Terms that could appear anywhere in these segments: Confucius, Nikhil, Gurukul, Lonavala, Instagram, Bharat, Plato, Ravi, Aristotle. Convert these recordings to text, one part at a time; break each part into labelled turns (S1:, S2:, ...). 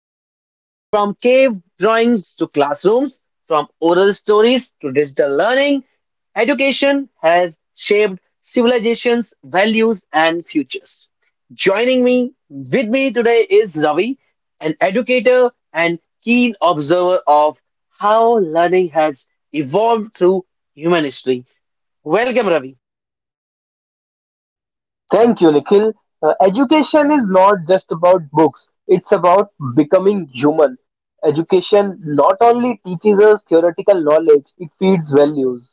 S1: Okay, so from cave drawings to classrooms, from oral stories to digital learning, education has shaped civilizations, values, and futures. Joining me with me today is Ravi, an educator and keen observer of how learning has evolved through human history. Welcome, Ravi.
S2: Thank you, Nikhil. Education is not just about books, it's about becoming human. Education not only teaches us theoretical knowledge, it feeds values.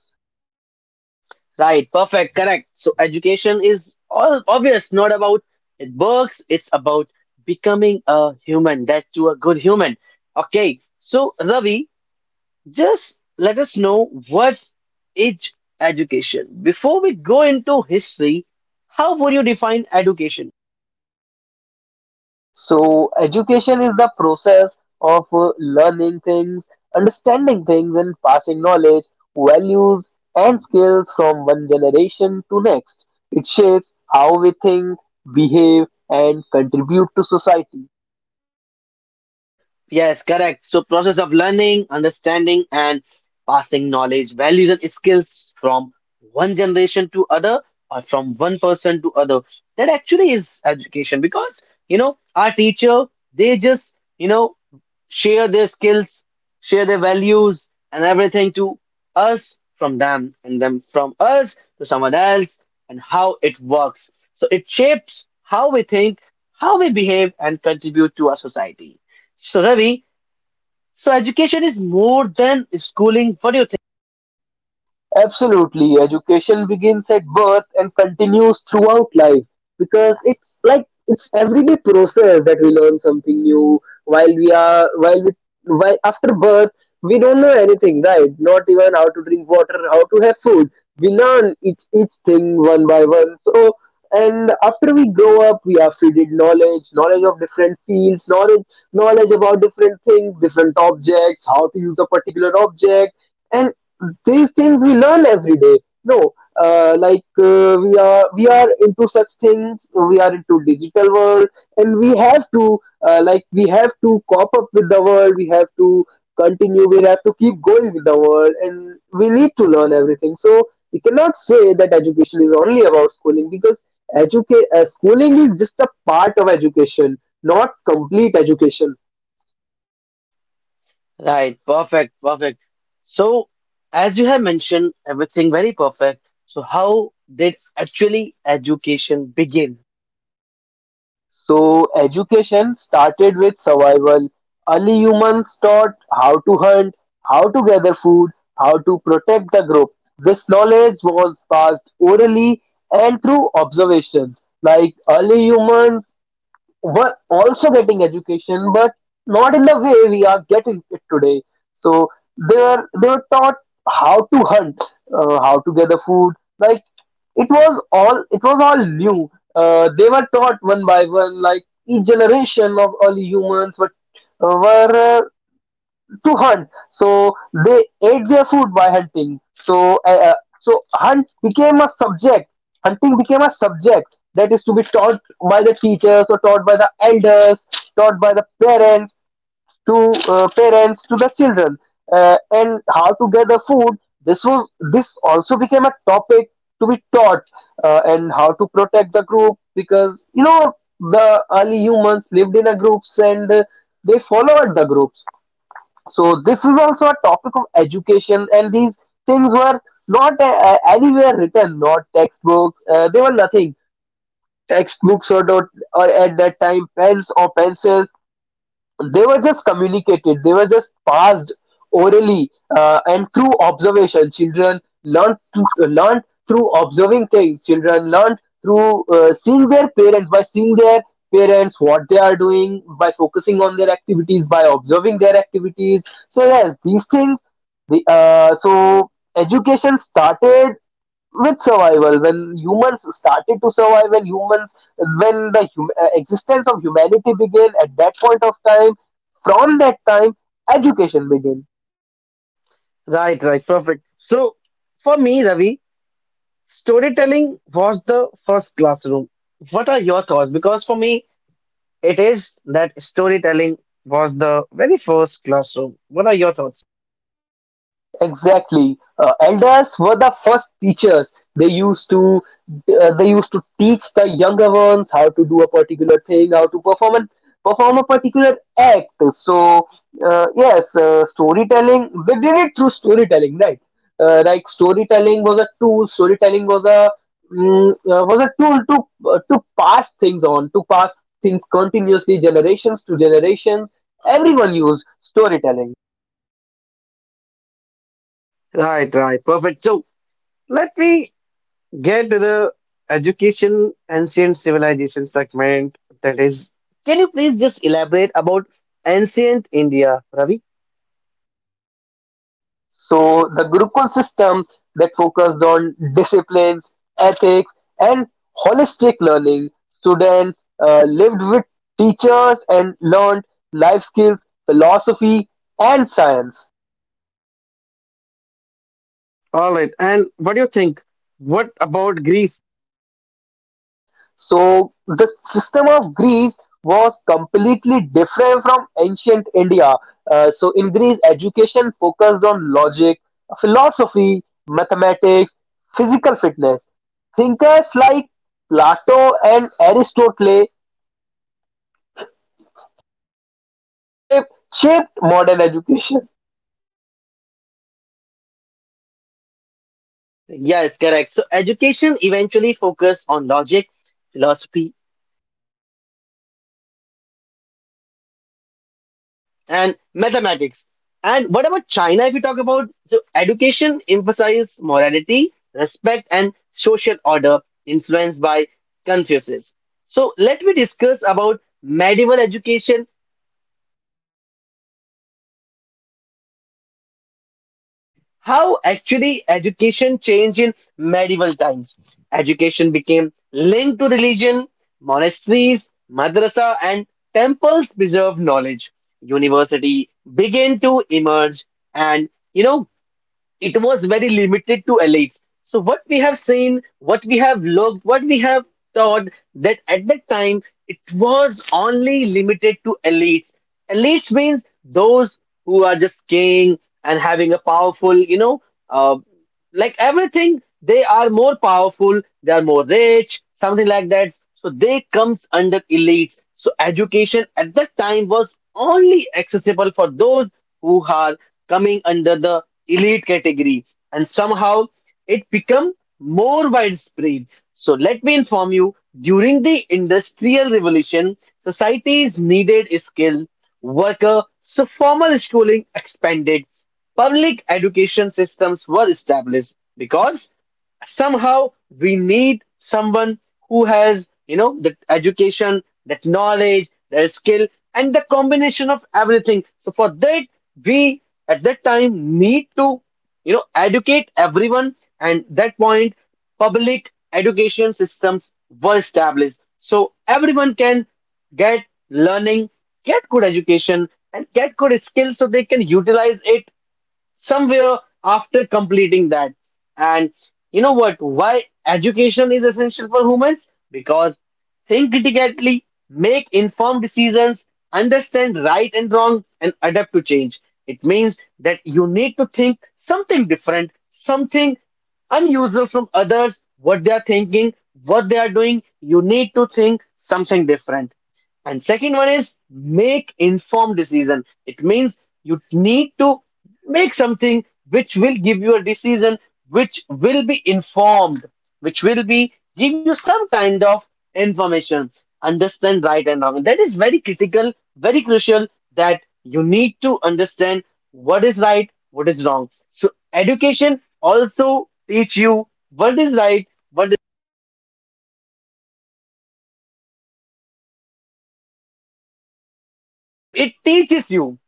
S1: Right, perfect, correct. So education is all obvious, not about it works, it's about becoming a human, that to a good human. Okay, so Ravi, just let us know what is education. Before we go into history, how would you define education?
S2: So, education is the process of learning things, understanding things, and passing knowledge, values, and skills from one generation to next. It shapes how we think, behave, and contribute to society.
S1: Yes, correct. So process of learning, understanding, and passing knowledge, values, and skills from one generation to other or from one person to other. That actually is education because you know our teacher they just you know share their skills, share their values and everything to us from them and them from us to someone else and how it works. So it shapes how we think, how we behave, and contribute to our society. So Ravi, so education is more than schooling. What do you think?
S2: Absolutely. Education begins at birth and continues throughout life because it's like it's everyday process that we learn something new while we while after birth we don't know anything, right? Not even how to drink water, how to have food. We learn each thing one by one. So and after we grow up we are feeded knowledge, knowledge of different fields, knowledge about different things, different objects, how to use a particular object, and these things we learn every day. No, like we are into such things, we are into digital world, and we have to, like we have to cop up with the world, we have to continue, we have to keep going with the world, and we need to learn everything. So we cannot say that education is only about schooling, because schooling is just a part of education, not complete education.
S1: Right, perfect, perfect. So as you have mentioned, everything very perfect. So how did actually education begin?
S2: So education started with survival. Early humans taught how to hunt, how to gather food, how to protect the group. This knowledge was passed orally and through observations. Like early humans were also getting education, but not in the way we are getting it today. So they were taught how to hunt, how to gather food. Like it was all new. They were taught one by one. Like each generation of early humans were uh, were uh, to hunt. So they ate their food by hunting. So so hunt became a subject. Hunting became a subject that is to be taught by the teachers or taught by the elders, taught by the parents to parents to the children, and how to gather food. This also became a topic to be taught, and how to protect the group, because you know the early humans lived in a groups, and they followed the groups. So this is also a topic of education, and these things were not anywhere written, not textbook. They were nothing. Textbooks or not, or at that time pens or pencils, they were just communicated, they were just passed orally, and through observation children learned through observing things. Children learned through seeing their parents, by seeing their parents what they are doing, by focusing on their activities, by observing their activities. So yes, these things, the so education started with survival, when humans started to survive, when humans, when the existence of humanity began, at that point of time, from that time education began.
S1: Right, right, perfect. So for me, Ravi, storytelling was the first classroom. What are your thoughts? Because for me, it is that storytelling was the very first classroom. What are your thoughts?
S2: Exactly. Elders were the first teachers. They used to, they used to teach the younger ones how to do a particular thing, how to perform a particular act. So yes, storytelling. They did it through storytelling, right? Like storytelling was a tool. Storytelling was a was a tool to pass things on, to pass things continuously, generations to generations. Everyone used storytelling.
S1: Right, right, perfect. So let me get to the education ancient civilization segment, that is, can you please just elaborate about ancient India, Ravi?
S2: So the Gurukul system that focused on disciplines, ethics, and holistic learning. Students lived with teachers and learned life skills, philosophy, and science.
S1: All right, and what do you think? What about Greece?
S2: So the system of Greece was completely different from ancient India. So in Greece, education focused on logic, philosophy, mathematics, physical fitness. Thinkers like Plato and Aristotle shaped shaped modern education.
S1: Yes, correct. So education eventually focused on logic, philosophy, and mathematics. And what about China? If you talk about, so education emphasizes morality, respect, and social order influenced by Confucius. So let me discuss about medieval education. How actually education changed in medieval times? Education became linked to religion. Monasteries, madrasa, and temples preserved knowledge. University began to emerge, and you know it was very limited to elites. So what we have seen, what we have looked, what we have thought, that at that time it was only limited to elites. Elites means those who are just king and having a powerful, you know, uh, like everything, they are more powerful, they are more rich, something like that, so they comes under elites. So education at that time was only accessible for those who are coming under the elite category, and somehow it become more widespread. So let me inform you, during the industrial revolution societies needed skill worker, so formal schooling expanded. Public education systems were established because somehow we need someone who has, you know, that education, that knowledge, that skill, and the combination of everything. So for that, we at that time need to, you know, educate everyone. And that point, public education systems were established. So everyone can get learning, get good education, and get good skills so they can utilize it somewhere after completing that. And you know what? Why education is essential for humans? Because think critically, make informed decisions, understand right and wrong, and adapt to change. It means that you need to think something different, something unusual from others, what they are thinking, what they are doing. You need to think something different. And second one is make informed decision. It means you need to make something which will give you a decision which will be informed, which will be give you some kind of information. Understand right and wrong. That is very critical, very crucial that you need to understand what is right, what is wrong. So education also teach you what is right, what, so it teaches you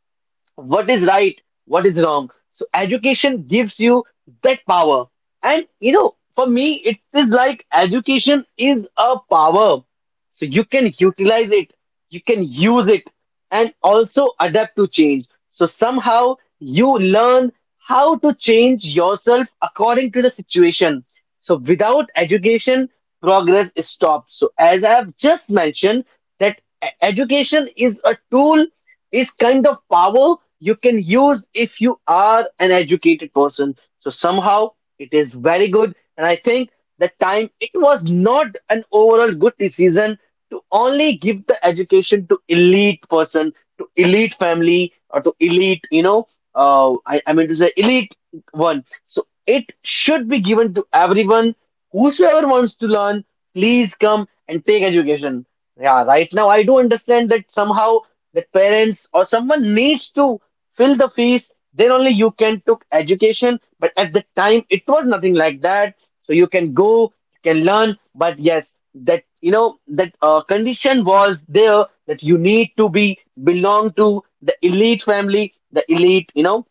S1: what is right, what is wrong. So education gives you that power. And you know, for me, it is like education is a power. So you can utilize it, you can use it, and also adapt to change. So somehow you learn how to change yourself according to the situation. So without education, progress stops. So as I have just mentioned, that education is a tool, this kind of power you can use if you are an educated person. So somehow it is very good, and I think that time it was not an overall good decision to only give the education to elite person, to elite family, or to elite, you know, I mean to say elite one. So it should be given to everyone. Whosoever wants to learn, please come and take education. Yeah, right now I do understand that somehow that parents or someone needs to fill the fees, then only you can took education. But at the time, it was nothing like that. So you can go, you can learn, but yes, that you know that condition was there that you need to be belong to the elite family, the elite, you know,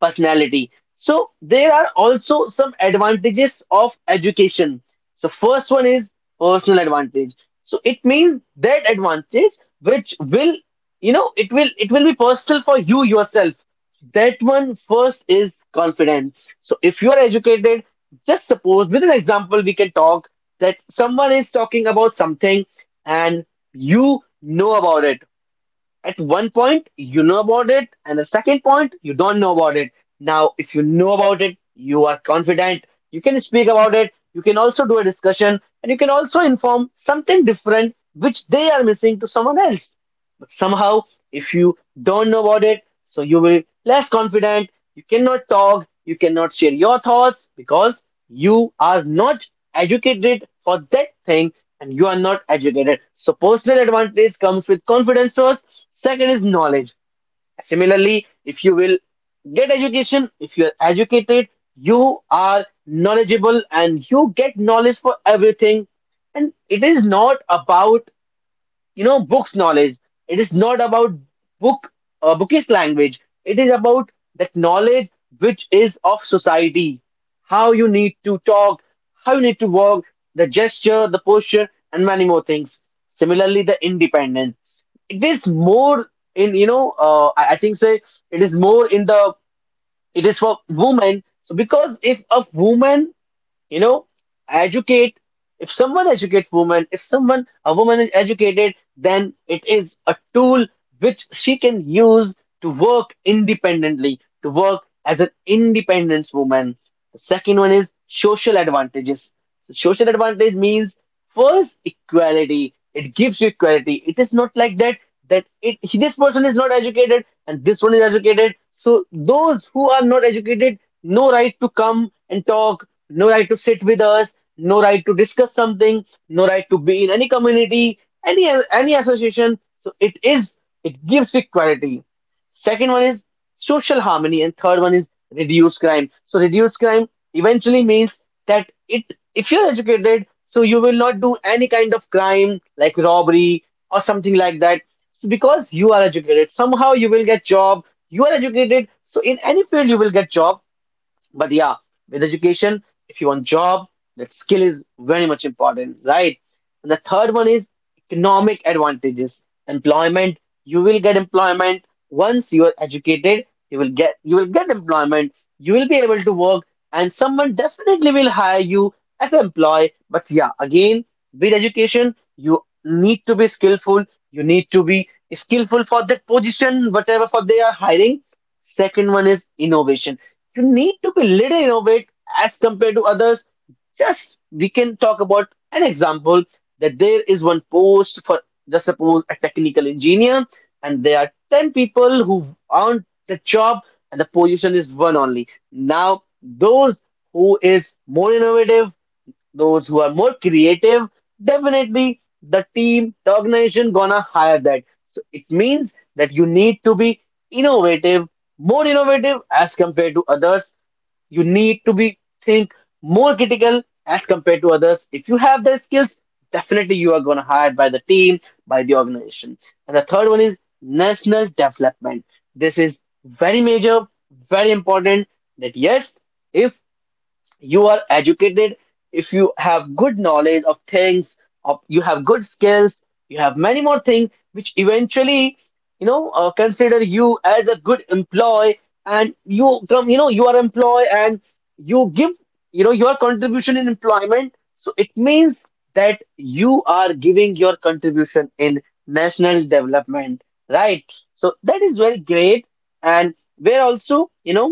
S1: personality. So there are also some advantages of education. So first one is personal advantage. So it means that advantage which will, you know, it will be personal for you yourself. That one first is confidence. So if you are educated, just suppose with an example we can talk, that someone is talking about something and you know about it at one point, you know about it, and the second point, you don't know about it. Now, if you know about it, you are confident, you can speak about it, you can also do a discussion, and you can also inform something different which they are missing to someone else. But somehow, if you don't know about it, so you will less confident, you cannot talk, you cannot share your thoughts because you are not educated for that thing and you are not educated. So personal advantage comes with confidence first. Second is knowledge. Similarly, if you will get education, if you are educated, you are knowledgeable and you get knowledge for everything. And it is not about you know books knowledge, it is not about book, bookish language, it is about that knowledge which is of society, how you need to talk, how you need to walk, the gesture, the posture, and many more things. Similarly, the independence, it is more in, you know, I think say it is more in the, it is for women. So because if a woman, you know, educate, if someone educates women, if someone a woman is educated, then it is a tool which she can use to work independently, to work as an independence woman. The second one is social advantages. Social advantage means, first, equality. It gives you equality. It is not like that, that it, this person is not educated and this one is educated, so those who are not educated, no right to come and talk, no right to sit with us, no right to discuss something, no right to be in any community, any association. So it is, it gives equality. Second one is social harmony, and third one is reduce crime. So reduce crime eventually means that it, if you're educated, so you will not do any kind of crime like robbery or something like that. So because you are educated, somehow you will get job. You are educated, so in any field you will get job, but yeah, with education, if you want job, that skill is very much important, right? And the third one is economic advantages. Employment. You will get employment once you are educated. You will get employment, you will be able to work, and someone definitely will hire you as an employee. But yeah, again, with education you need to be skillful, you need to be skillful for that position whatever for they are hiring. Second one is innovation. You need to be little innovate as compared to others. Just we can talk about an example, that there is one post for just suppose a technical engineer, and there are 10 people who earned the job, and the position is one only. Now, those who is more innovative, those who are more creative, definitely the team, the organization gonna hire that. So it means that you need to be innovative, more innovative as compared to others. You need to be think more critical as compared to others. If you have that skills, definitely you are gonna hired by the team, by the organization. And the third one is national development. This is very major, very important that yes, if you are educated, if you have good knowledge of things, of you have good skills, you have many more things which eventually consider you as a good employee. And you come, you are employed, and you give, your contribution in employment. So it means that you are giving your contribution in national development, right? So that is very great. And where also,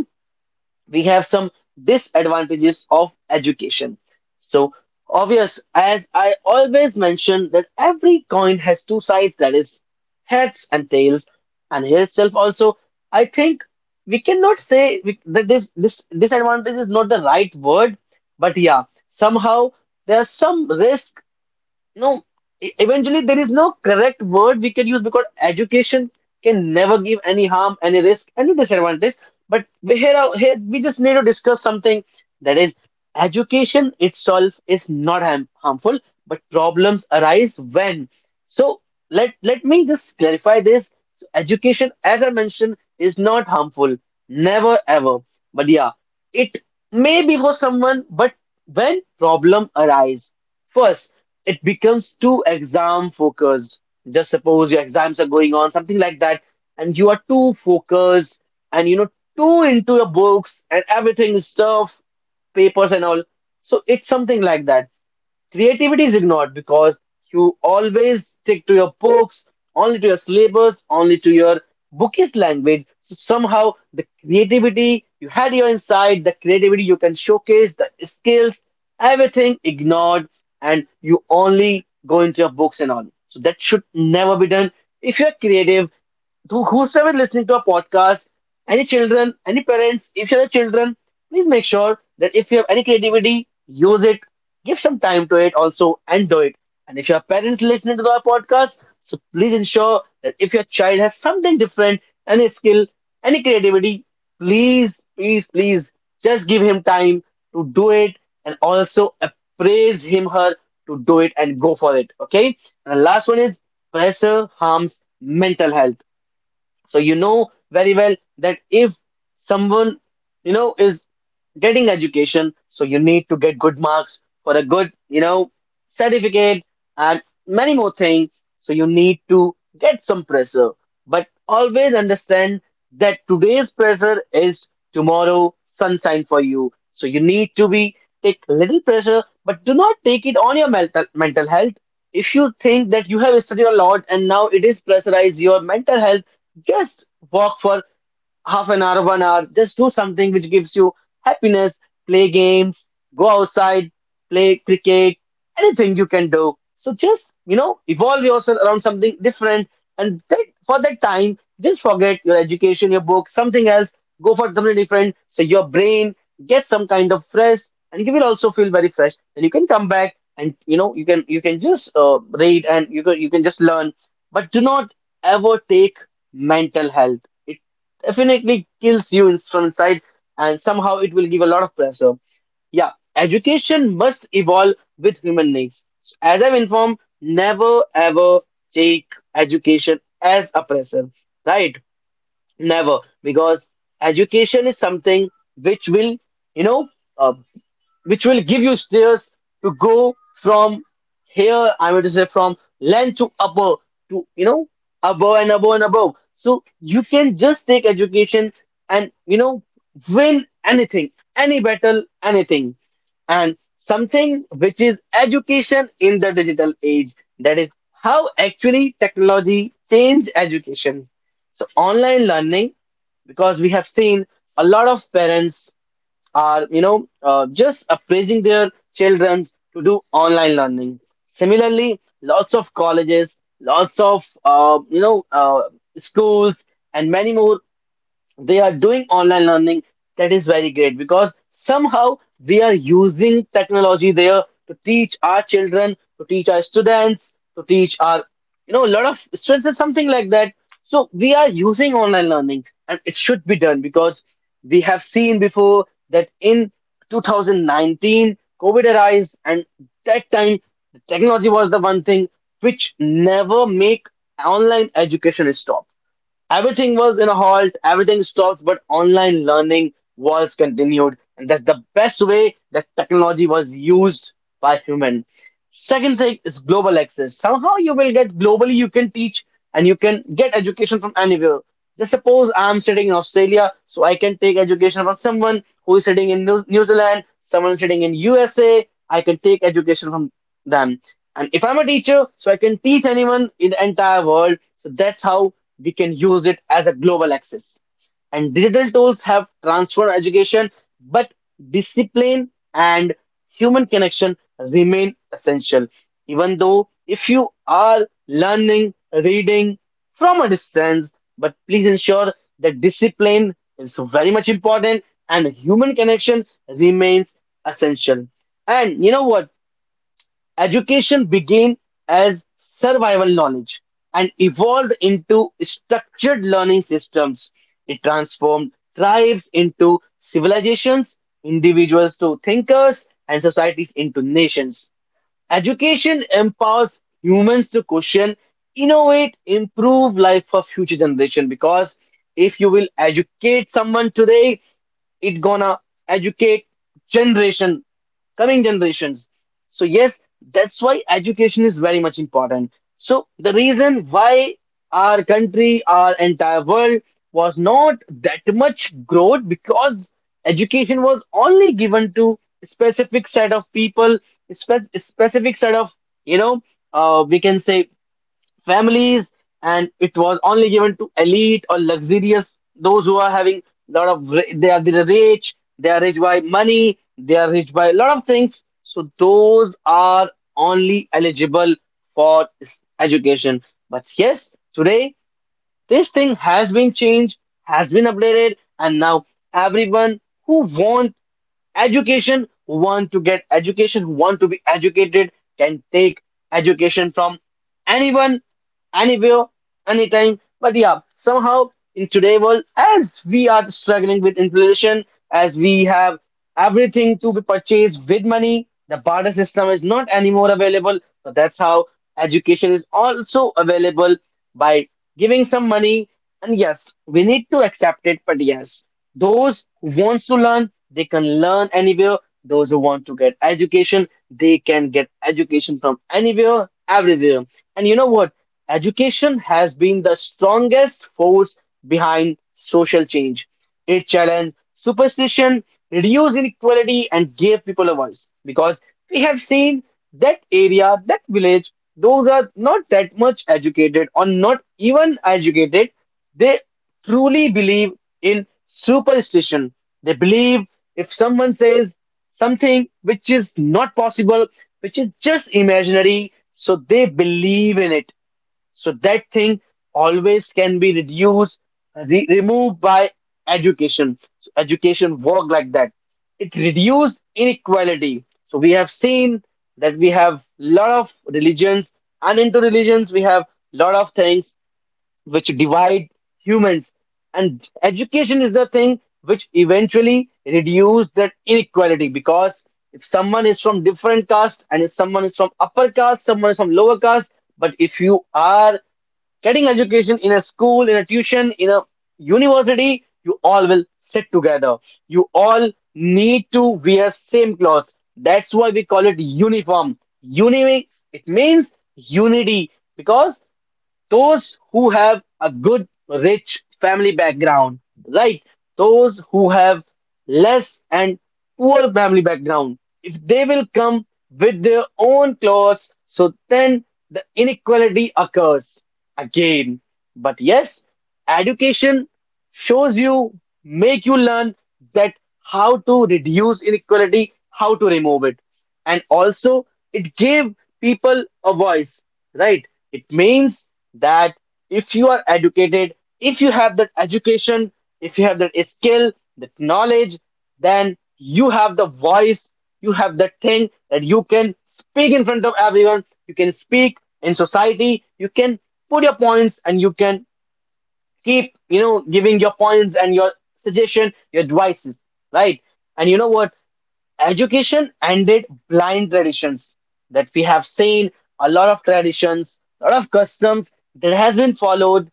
S1: we have some disadvantages of education. So obvious, as I always mention that every coin has two sides, that is heads and tails, and here itself also, I think we cannot say that this disadvantage is not the right word, but yeah, somehow there's some risk, no, eventually there is no correct word we can use because education can never give any harm, any risk, any disadvantage. But we here, here we just need to discuss something, that is education itself is not harmful, but problems arise when. So let me just clarify this. So education, as I mentioned, is not harmful, never ever. But yeah, it may be for someone, but when problem arise. First, it becomes too exam focused. Just suppose your exams are going on, something like that, and you are too focused and too into your books and everything stuff, papers and all. So it's something like that. Creativity is ignored because you always stick to your books, only to your syllabus, only to your bookish language. So somehow the creativity you had your inside, the creativity you can showcase, the skills, everything ignored, and you only go into your books and all. So that should never be done. If you're creative, who's ever listening to a podcast, any children, any parents, if you have children, please make sure that if you have any creativity, use it, give some time to it also, and do it. And if you your parents listening to our podcast, so please ensure that if your child has something different, any skill, any creativity, please, please, please just give him time to do it, and also appraise him, her to do it and go for it. Okay. And the last one is pressure harms mental health. So you know very well that if someone, is getting education, so you need to get good marks for a good, certificate and many more things. So you need to get some pressure. But always understand that today's pressure is tomorrow sunshine for you. So you need to be take little pressure, but do not take it on your mental health. If you think that you have studied a lot and now it is pressurized your mental health, just walk for half an hour, 1 hour, just do something which gives you happiness, play games, go outside, play cricket, anything you can do. So just, evolve yourself around something different. And that, for that time, just forget your education, your book, something else, go for something different. So your brain gets some kind of fresh and you will also feel very fresh. Then you can come back and, you can just read, and you can just learn, but do not ever take mental health definitely kills you from inside, and somehow it will give a lot of pressure. Yeah, education must evolve with human needs. As I've informed, never ever take education as oppressive, right? Never, because education is something which will, you know, uh, which will give you stairs to go from here, I mean to say from land to upper to, above and above and above. So you can just take education and, win anything, any battle, anything. And something which is education in the digital age. That is how actually technology changed education. So online learning, because we have seen a lot of parents are just appraising their children to do online learning. Similarly lots of colleges, lots of schools and many more, they are doing online learning. That is very great because somehow we are using technology there to teach our children, to teach our students, to teach our, a lot of students or something like that. So we are using online learning and it should be done, because we have seen before that in 2019 covid arise, and that time technology was the one thing which never make online education stop. Everything was in a halt, everything stopped, but online learning was continued, and that's the best way that technology was used by human. Second thing is global access. Somehow you will get globally, you can teach and you can get education from anywhere. Just suppose I'm sitting in Australia, so I can take education from someone who is sitting in New Zealand, someone sitting in USA. I can take education from them. And if I'm a teacher, so I can teach anyone in the entire world. So that's how we can use it as a global access. And digital tools have transformed education, but discipline and human connection remain essential. Even though if you are learning, reading from a distance, but please ensure that discipline is very much important and human connection remains essential. And you know what? Education began as survival knowledge and evolved into structured learning systems. It transformed tribes into civilizations, individuals to thinkers, and societies into nations. Education empowers humans to question, innovate, improve life for future generation, because if you will educate someone today, it gonna educate generation, coming generations. So, yes, that's why education is very much important. So, the reason why our country, our entire world was not that much growth, because education was only given to specific set of people, specific set of, you know, we can say families, and it was only given to elite or luxurious, those who are having lot of, they are the rich, they are rich by money, they are rich by a lot of things. So those are only eligible for education. But yes, today this thing has been changed, has been updated, and now everyone who want education, want to get education, who want to be educated, can take education from anyone, anywhere, anytime. But yeah, somehow in today world, as we are struggling with inflation, as we have everything to be purchased with money, the barter system is not anymore available. So that's how education is also available by giving some money, and yes, we need to accept it. But yes, those who wants to learn, they can learn anywhere. Those who want to get education, they can get education from anywhere, everywhere. And you know what? Education has been the strongest force behind social change. It challenged superstition, reduced inequality, and gave people a voice. Because we have seen that area, that village, those are not that much educated or not even educated. They truly believe in superstition. They believe if someone says something which is not possible, which is just imaginary, so they believe in it. So that thing always can be reduced, removed by education. So education work like that. It reduced inequality. So we have seen that we have lot of religions, and into religions we have lot of things which divide humans. And education is the thing which eventually reduce that inequality, because if someone is from different caste, and if someone is from upper caste, someone is from lower caste, but if you are getting education in a school, in a tuition, in a university, you all will sit together. You all need to wear same clothes. That's why we call it uniform. It means unity, because those who have a good rich family background, right, those who have less and poor family background, if they will come with their own clothes, so then the inequality occurs again. But yes, education shows you, make you learn that how to reduce inequality, how to remove it. And also it gave people a voice, right? It means that if you are educated, if you have that education, if you have that skill, that knowledge, then you have the voice, you have that thing that you can speak in front of everyone. You can speak in society, you can put your points, and you can keep, giving your points and your suggestion, your advices, right? And you know what? Education ended blind traditions, that we have seen a lot of traditions, a lot of customs that has been followed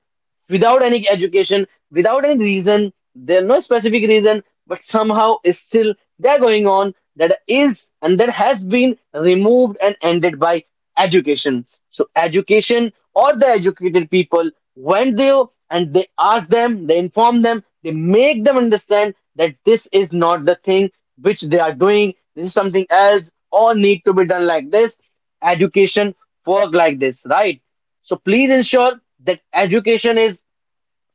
S1: without any education, without any reason. There's no specific reason, but somehow is still they're going on, that is, and that has been removed and ended by education. So education or the educated people went there and they asked them, they inform them, they make them understand that this is not the thing which they are doing, this is something else or need to be done like this. Education work like this, right? So please ensure that education is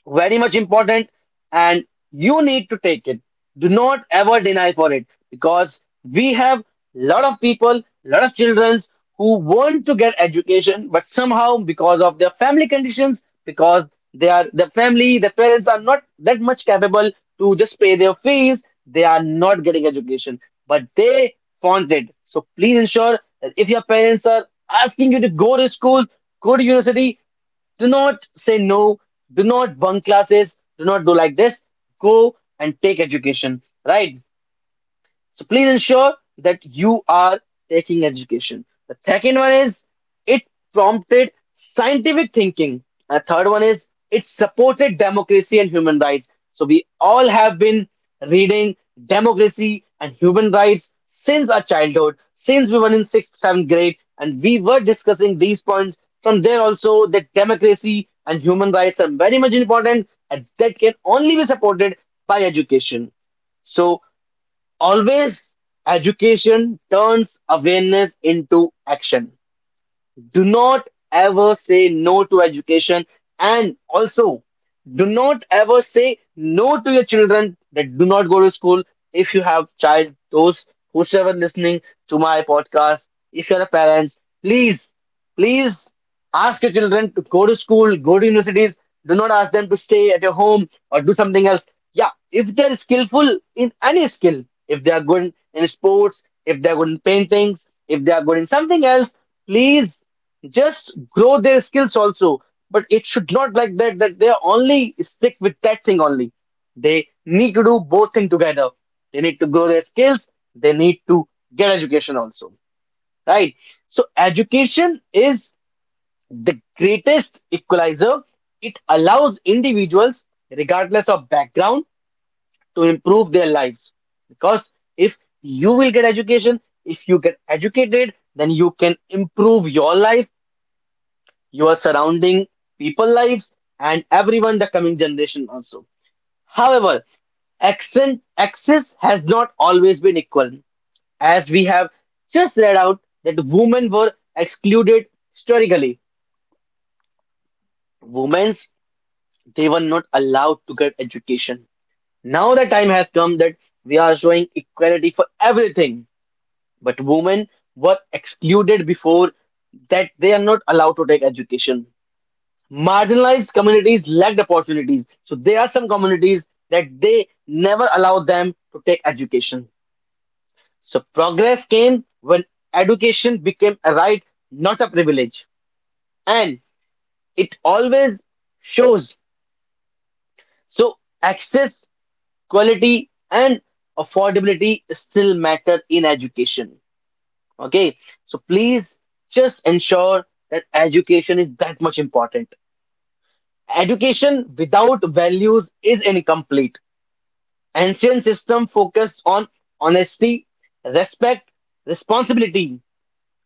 S1: very much important and you need to take it. Do not ever deny for it, because we have lot of people lot of children who want to get education, but somehow because of their family conditions, because they are the family, the parents are not that much capable to just pay their fees, they are not getting education, but they want it. So please ensure that if your parents are asking you to go to school, go to university, do not say no, do not bunk classes, do not do like this. Go and take education, right? So please ensure that you are taking education. The second one is it prompted scientific thinking. The third one is it supported democracy and human rights. So we all have been reading democracy and human rights since our childhood, since we were in sixth, seventh grade, and we were discussing these points. From there also that democracy and human rights are very much important, and that can only be supported by education. So always education turns awareness into action. Do not ever say no to education. And also, do not ever say no to your children that do not go to school. If you have child, those whosoever listening to my podcast, if you're a parents, please, please ask your children to go to school, go to universities. Do not ask them to stay at your home or do something else. Yeah, if they're skillful in any skill, if they are good in sports, if they are good in paintings, if they are good in something else, please just grow their skills also, but it should not like that, that they are only stick with that thing only. They need to do both thing together, they need to grow their skills, they need to get education also, right? So education is the greatest equalizer. It allows individuals, regardless of background, to improve their lives, because if you will get education, if you get educated, then you can improve your life, you are surrounding people lives, and everyone the coming generation also. However, accent access has not always been equal, as we have just read out that women were excluded historically. Women, they were not allowed to get education. Now the time has come that we are showing equality for everything, but women were excluded before, that they are not allowed to take education. Marginalized communities lacked opportunities, so there are some communities that they never allowed them to take education. So progress came when education became a right, not a privilege, and it always shows. So access, quality, and affordability still matter in education, okay? So please just ensure that education is that much important. Education without values is incomplete. Ancient system focused on honesty, respect, responsibility,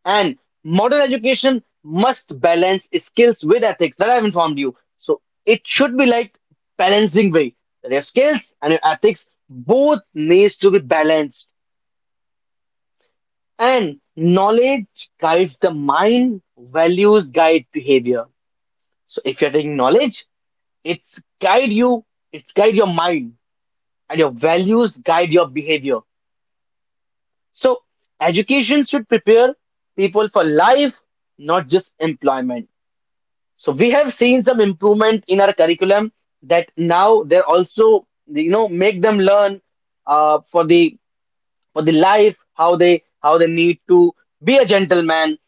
S1: and modern education must balance skills with ethics, that I've informed you. So it should be like balancing way, that your skills and your ethics both needs to be balanced. And knowledge guides the mind, values guide behavior. So if you're taking knowledge, it's guide you, it's guide your mind, and your values guide your behavior. So education should prepare people for life, not just employment. So, we have seen some improvement in our curriculum, that now they're also, you know, make them learn uh, for the for the life, how they need to be a gentleman.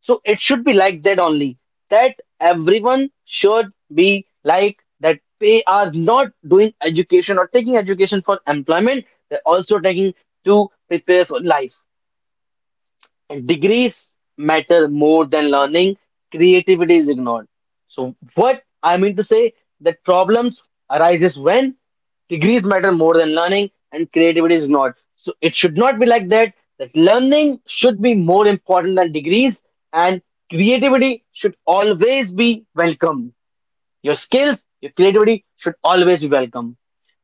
S1: So, it should be like that only. That everyone should be like that. They are not doing education or taking education for employment. They're also taking to prepare for life. Degrees matter more than learning. Creativity is ignored. So what I mean to say, that problems arises when degrees matter more than learning and creativity is ignored. So it should not be like that. That learning should be more important than degrees, and creativity should always be welcomed. Your skills, your creativity should always be welcome.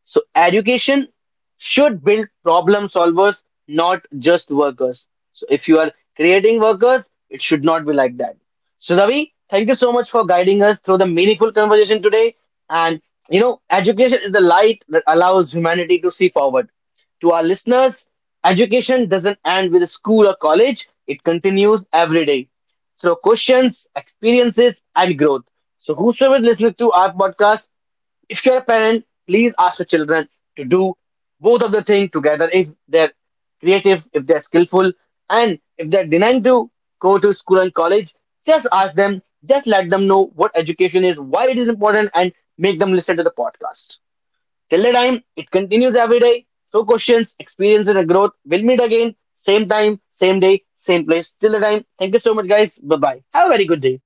S1: So, education should build problem solvers, not just workers. So, if you are creating workers, it should not be like that. So, Ravi, thank you so much for guiding us through the meaningful conversation today. And you know, education is the light that allows humanity to see forward. To our listeners, education doesn't end with school or college, it continues every day through questions, experiences, and growth. So, whosoever listening to our podcast, if you're a parent, please ask your children to do both of the thing together, if they're creative, if they're skillful, and if they're denying to go to school and college, just ask them, just let them know what education is, why it is important, and make them listen to the podcast. Till the time, it continues every day. No questions, experience, and growth. We'll meet again, same time, same day, same place. Till the time, thank you so much, guys. Bye bye. Have a very good day.